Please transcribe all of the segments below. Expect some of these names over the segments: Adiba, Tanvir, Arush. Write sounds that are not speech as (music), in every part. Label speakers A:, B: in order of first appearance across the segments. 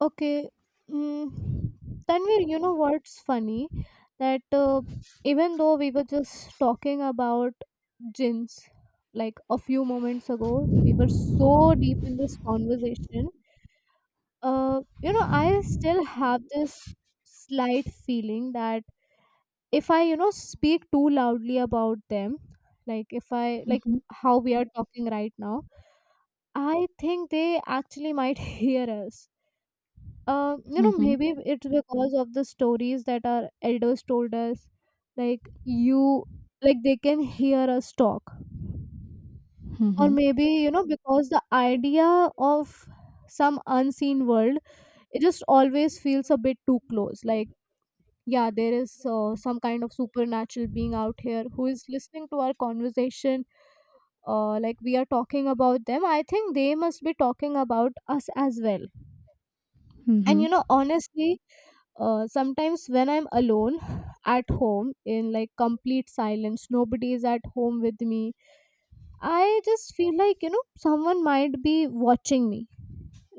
A: Okay. Mm, Tanvir, you know what's funny? That Even though we were just talking about gins like a few moments ago, we were so deep in this conversation. I still have this slight feeling that if I, you know, speak too loudly about them, like if I,
B: Mhm,
A: how we are talking right now, I think they actually might (laughs) hear us,
B: mhm,
A: maybe it's because of the stories that our elders told us. Like you, like they can hear us talk, or
B: mhm,
A: maybe you know because the idea of some unseen world, it just always feels a bit too close. Like yeah, there is some kind of supernatural being out here who is listening to our conversation. Like we are talking about them. I think they must be talking about us as well. And
B: mhm,
A: you know, honestly, sometimes when I'm alone (sighs) at home in like complete silence, nobody is at home with me. I just feel like you know someone might be watching me,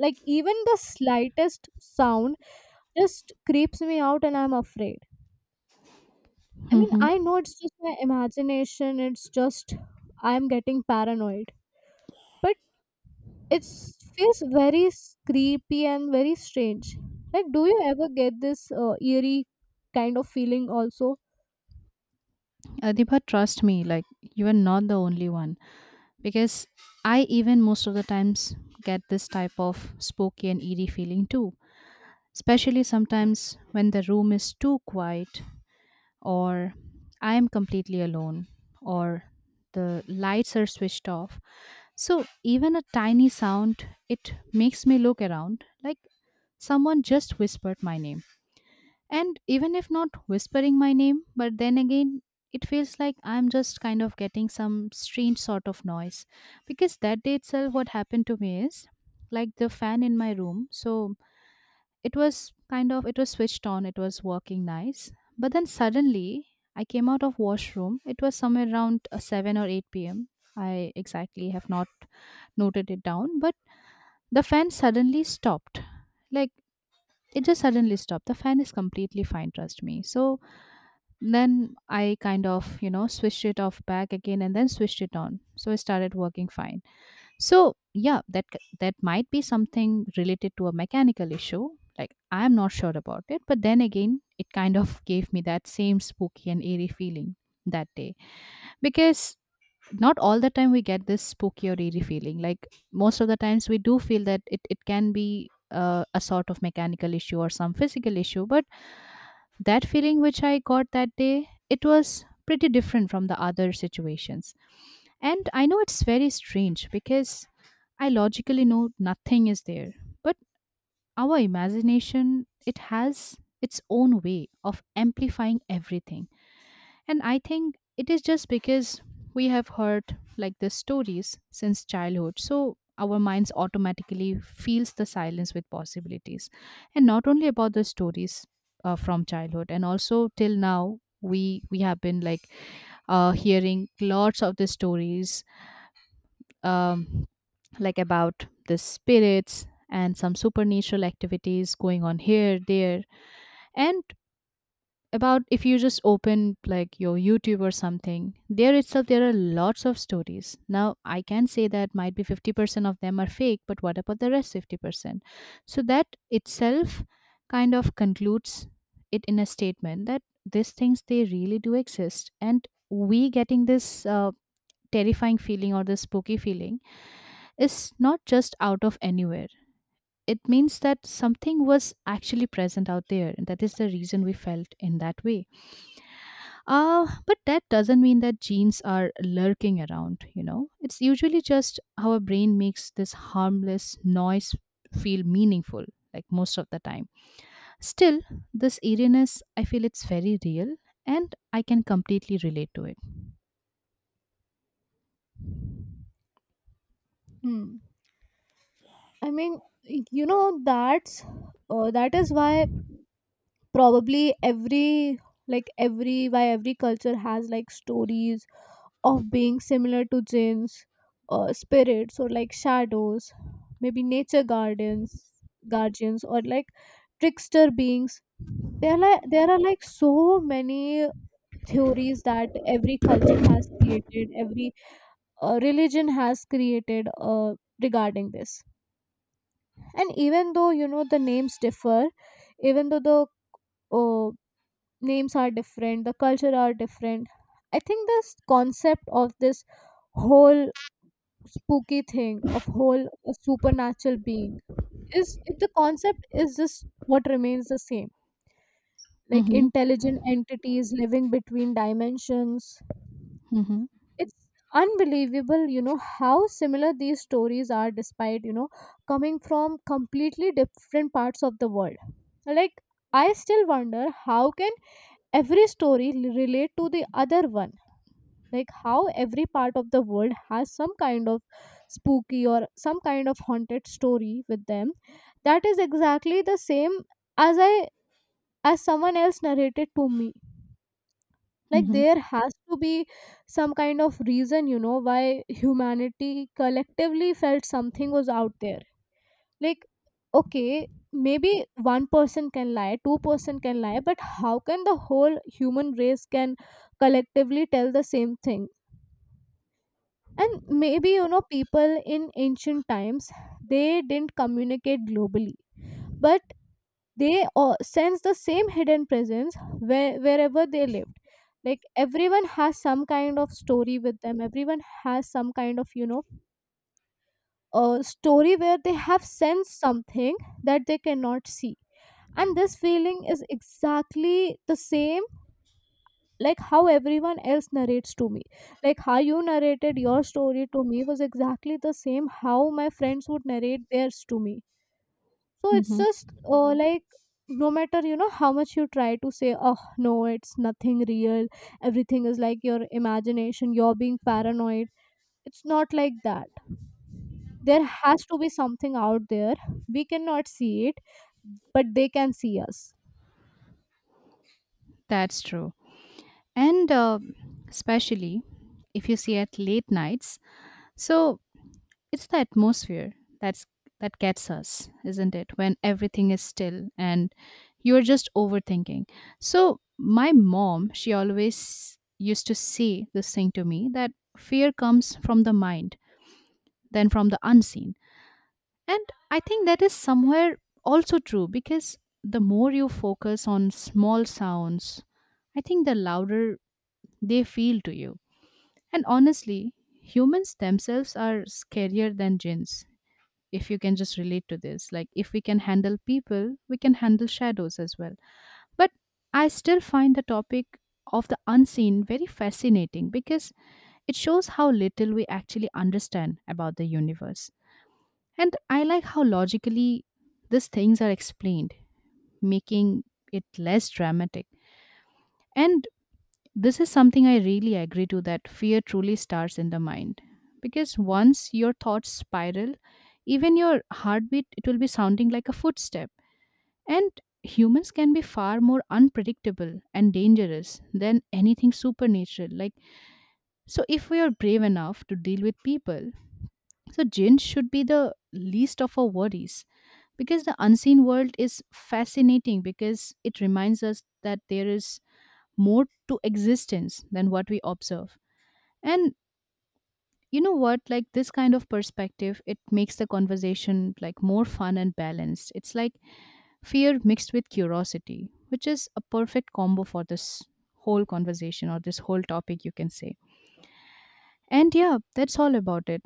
A: like even the slightest sound just creeps me out and I'm afraid. I mean
B: mhm.
A: I know it's just my imagination, it's just I'm getting paranoid, but it feels very creepy and very strange. Like do you ever get this eerie kind of feeling also?
B: Adiba, trust me, like you are not the only one because I even most of the times get this type of spooky and eerie feeling too. Especially sometimes when the room is too quiet, or I am completely alone, or the lights are switched off. So even a tiny sound, it makes me look around like someone just whispered my name. And even if not whispering my name, but then again, it feels like I'm just kind of getting some strange sort of noise. Because that day itself, what happened to me is like the fan in my room. So it was kind of, it was switched on, it was working nice. But then suddenly, I came out of washroom. It was somewhere around 7 or 8 p.m. I exactly have not noted it down, but the fan suddenly stopped. Like it just suddenly stopped. The fan is completely fine, trust me. So then I kind of, switched it off back again and then switched it on. So it started working fine. So yeah, that might be something related to a mechanical issue. Like I'm not sure about it, but then again, it kind of (laughs) gave me that same spooky and eerie feeling that day because not all the time we get this spooky or eerie feeling. Like most of the times we do feel that it can be a sort of mechanical issue or some physical issue. But that feeling which I got that day, it was pretty different from the other situations. And I know it's very strange because I logically know nothing is there. But our imagination, it has its own way of amplifying everything and I think it is just because we have heard like the stories since childhood. So our minds automatically feels the silence with possibilities. And not only about the stories from childhood and also till now we have been like hearing lots of the stories um, like about the spirits and some supernatural activities going on here there and about if you just open like your YouTube or something, there itself there are lots of stories. Now I can say that might be 50% of them are fake, but what about the rest 50%? So that itself kind of concludes it in a statement that these things they really do exist and we getting this terrifying feeling or this spooky feeling is not just out of anywhere. It means that something was actually present out there and that is the reason we felt in that way. But that doesn't mean that genes are lurking around, It's usually just how our brain makes this harmless noise feel meaningful, like most of the time. Still, this eeriness, I feel it's very real and I can completely relate to it.
A: Hmm. I mean, you know, that is why probably every like every why every culture has like stories of being similar to jinns, spirits or like shadows, maybe nature gardens, guardians or like trickster beings. There are like so many theories that every culture has created, every religion has created regarding this. And even though you know the names differ, even though the uh, names are different, the culture are different, I think this concept of this whole spooky thing of whole supernatural being is, the concept is just what remains the same, like
B: Mm-hmm,
A: intelligent entities living between dimensions.
B: mm-hmm,
A: It's unbelievable you know how similar these stories are, despite you know coming from completely different parts of the world. Like I still wonder how can every story relate to the other one, like how every part of the world has some kind of spooky or some kind of haunted story with them, that is exactly the same as I, as someone else narrated to me. Like
B: mm-hmm,
A: there has to be some kind of reason you know why humanity collectively felt something was out there. Like okay, maybe one person can lie, two-person can lie, but how can the whole human race can collectively tell the same thing? And maybe you know people in ancient times, they didn't communicate globally, but they sense the same hidden presence where, wherever they lived. Like everyone has some kind of story with them, everyone has some kind of you know a story where they have sensed something that they cannot see, and this feeling is exactly the same like how everyone else narrates to me, like how you narrated your story to me was exactly the same how my friends would narrate theirs to me. So it's
B: mm-hmm.
A: just like no matter you know how much you try to say, oh no it's nothing real, everything is like your imagination, you're being paranoid, it's not like that. There has to be something out there, we cannot see it, but they can see us.
B: That's true. And especially if you see at late nights. So it's the atmosphere that's that gets us, isn't it? When everything is still and you're just overthinking. So my mom, she always used to say this thing to me that fear comes from the mind, then from the unseen. And I think that is somewhere also true because the more you focus on small sounds, I think the louder they feel to you. And honestly, humans themselves are scarier than jinns if you can just relate to this like if we can handle people we can handle shadows as well but I still find the topic of the unseen very fascinating because it shows how little we actually understand about the universe and I like how logically these things are explained making it less dramatic and this is something I really agree to that fear truly starts in the mind. Because once your thoughts spiral, even your heartbeat it will be sounding like a footstep. And humans can be far more unpredictable and dangerous than anything supernatural. Like so if we are brave enough to deal with people, so jinn should be the least of our worries. Because the unseen world is fascinating because it reminds us that there is more to existence than what we observe and you know what? Like this kind of perspective, it makes the conversation like more fun and balanced. It's like fear mixed with curiosity, which is a perfect combo for this whole conversation or this whole topic, you can say. And yeah, that's all about it.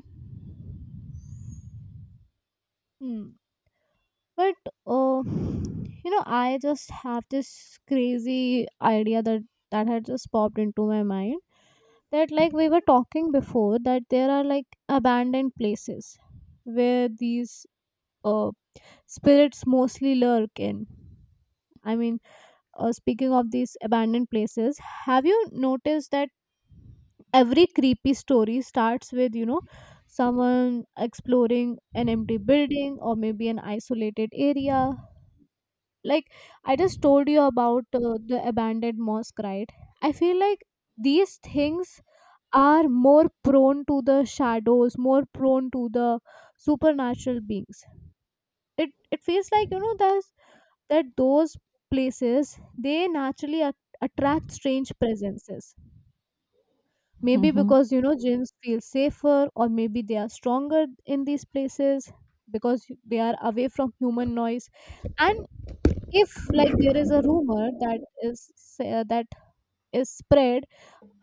A: Hmm. But I just have this crazy idea that had just popped into my mind, that like we were talking before that there are like abandoned places where these uh, spirits mostly lurk in. I mean, speaking of these abandoned places, have you noticed that every creepy story starts with, you know, someone exploring an empty building or maybe an isolated area? Like, I just told you about the abandoned mosque, right? I feel like these things are more prone to the shadows, more prone to the supernatural beings. It feels like, you know, there's that, those places, they naturally attract strange presences, maybe
B: Mm-hmm.
A: because you know gyms feel safer or maybe they are stronger in these places because they are away from human noise. And if like there is a rumor that is spread,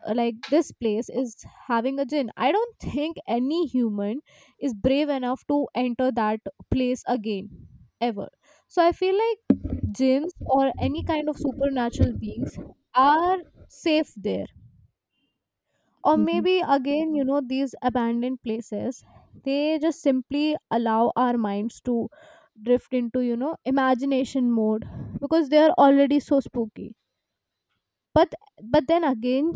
A: like this place is having a gin, I don't think any human is brave enough to enter that place again ever. So I feel like jinns or any kind of supernatural beings are safe there. Or
B: Mm-hmm.
A: maybe again you know these abandoned places, they just simply allow our minds to drift into you know imagination mode because they are already so spooky. But but then again,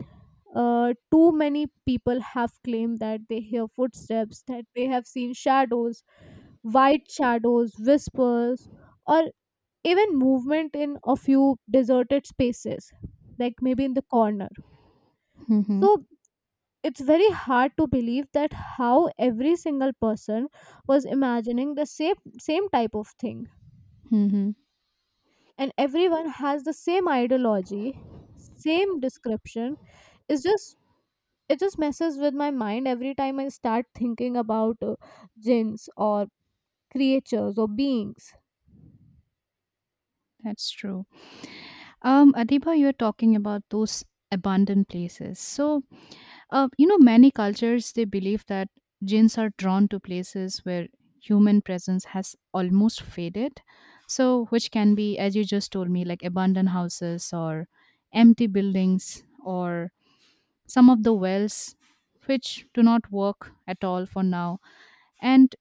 A: too many people have claimed that they hear footsteps, that they have seen shadows, white shadows, whispers, or even movement in a few deserted spaces, like maybe in the corner.
B: Mm-hmm.
A: So it's very hard to believe that how every single person was imagining the same type of thing,
B: Mm-hmm.
A: and everyone has the same ideology, same description. It's just, it just messes with my mind every time I start thinking about jinns or creatures or beings.
B: That's true. Adiba, you're talking about those abandoned places. So you know, many cultures they believe that jinns are drawn to places where human presence has almost faded. So, which can be, as you just told me, like abandoned houses or empty buildings or some of the wells which do not work at all for now, and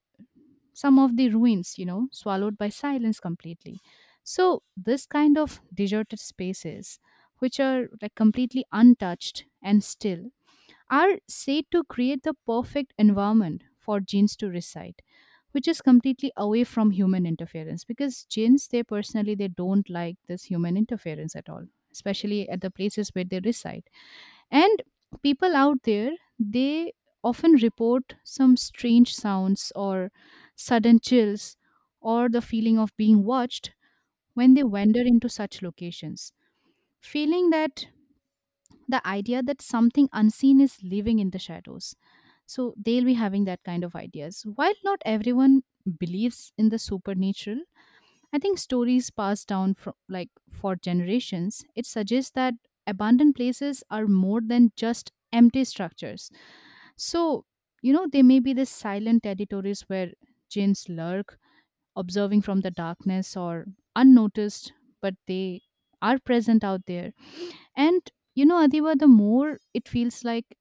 B: some of the ruins, you know, swallowed by silence completely. So, this kind of deserted spaces, which are like completely untouched and still are said to create the perfect environment for genes to reside which is completely away from human interference because genes they personally they don't like this human interference at all especially at the places where they reside and people out there they often report some strange sounds or sudden chills or the feeling of being watched when they wander into such locations feeling that the idea that something unseen is living in the shadows. So they'll be having that kind of ideas. While not everyone believes in the supernatural, I think stories passed down from like for generations, it suggests that abandoned places are more than just empty structures. So, you know, they may be the silent territories where jinns lurk, observing from the darkness or unnoticed, but they are present out there. And you know, Adiba, the more it feels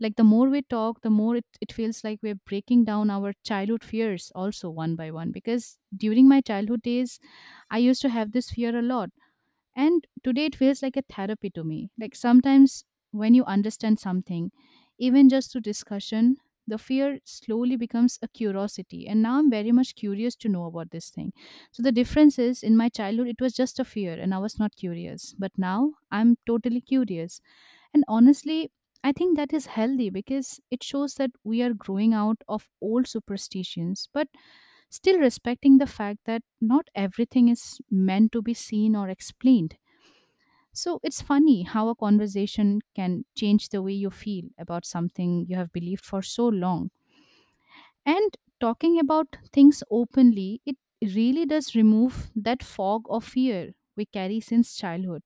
B: like the more we talk, the more it feels like we're breaking down our childhood fears also one by one. Because during my childhood days, I used to have this fear a lot and today it feels like a therapy to me. Like sometimes when you understand something, even just through discussion, the fear slowly becomes a curiosity. And now I'm very much curious to know about this thing. So the difference is in my childhood, it was just a fear and I was not curious. But now I'm totally curious. And honestly, I think that is healthy because it shows that we are growing out of old superstitions, but still respecting the fact that not everything is meant to be seen or explained. So it's funny how a conversation can change the way you feel about something you have believed for so long. And talking about things openly, it really does remove that fog of fear we carry since childhood.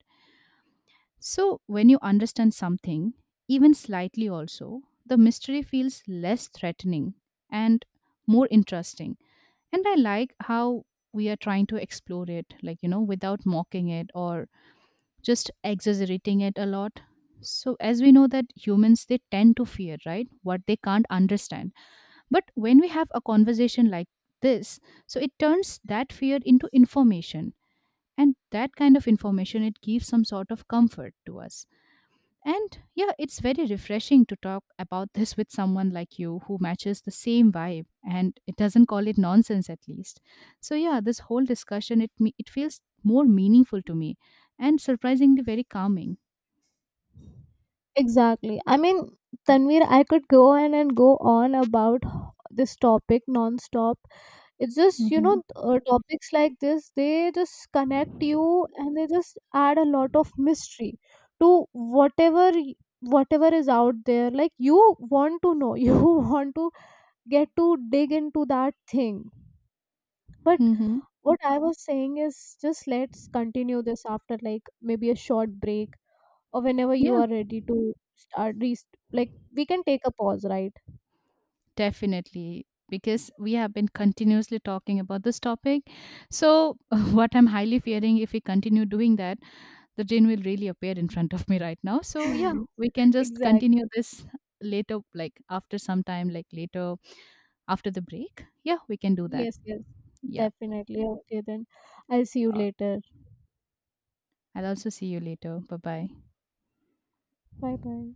B: So when you understand something, even slightly also, the mystery feels less threatening and more interesting. And I like how we are trying to explore it, like, you know, without mocking it or just exaggerating it a lot so as we know that humans they tend to fear right what they can't understand but when we have a conversation like this so it turns that fear into information and that kind of information it gives some sort of comfort to us and yeah it's very refreshing to talk about (laughs) this with someone like you who matches the same vibe and it doesn't call it nonsense at least so yeah this whole discussion it feels more meaningful to me and surprisingly very calming.
A: Exactly. I mean, Tanvir, I could go on and go on about this topic non-stop. It's just, you
B: Mhm.
A: know, topics like this, they just connect you and they just add a lot of mystery to whatever is out there. Like you want to know, (laughs) you want to get to dig into that thing, but
B: Mhm.
A: what I was saying is just let's continue this after like maybe a short break or whenever you
B: Yeah,
A: are ready to start. Like we can take a pause, right?
B: definitely. Because we have been continuously talking about this topic. So, (laughs) what I'm highly fearing if we continue doing that, the gin will really appear in front of me right now. So, yeah,
A: (laughs)
B: we can just
A: Exactly.
B: continue this later, like after some time, like later after the break. Yeah, we can do that.
A: Yes. Yes.
B: Yeah.
A: Definitely. Okay. Then I'll see you
B: Uh,
A: later.
B: I'll also see you later. Bye bye.
A: Bye. Bye.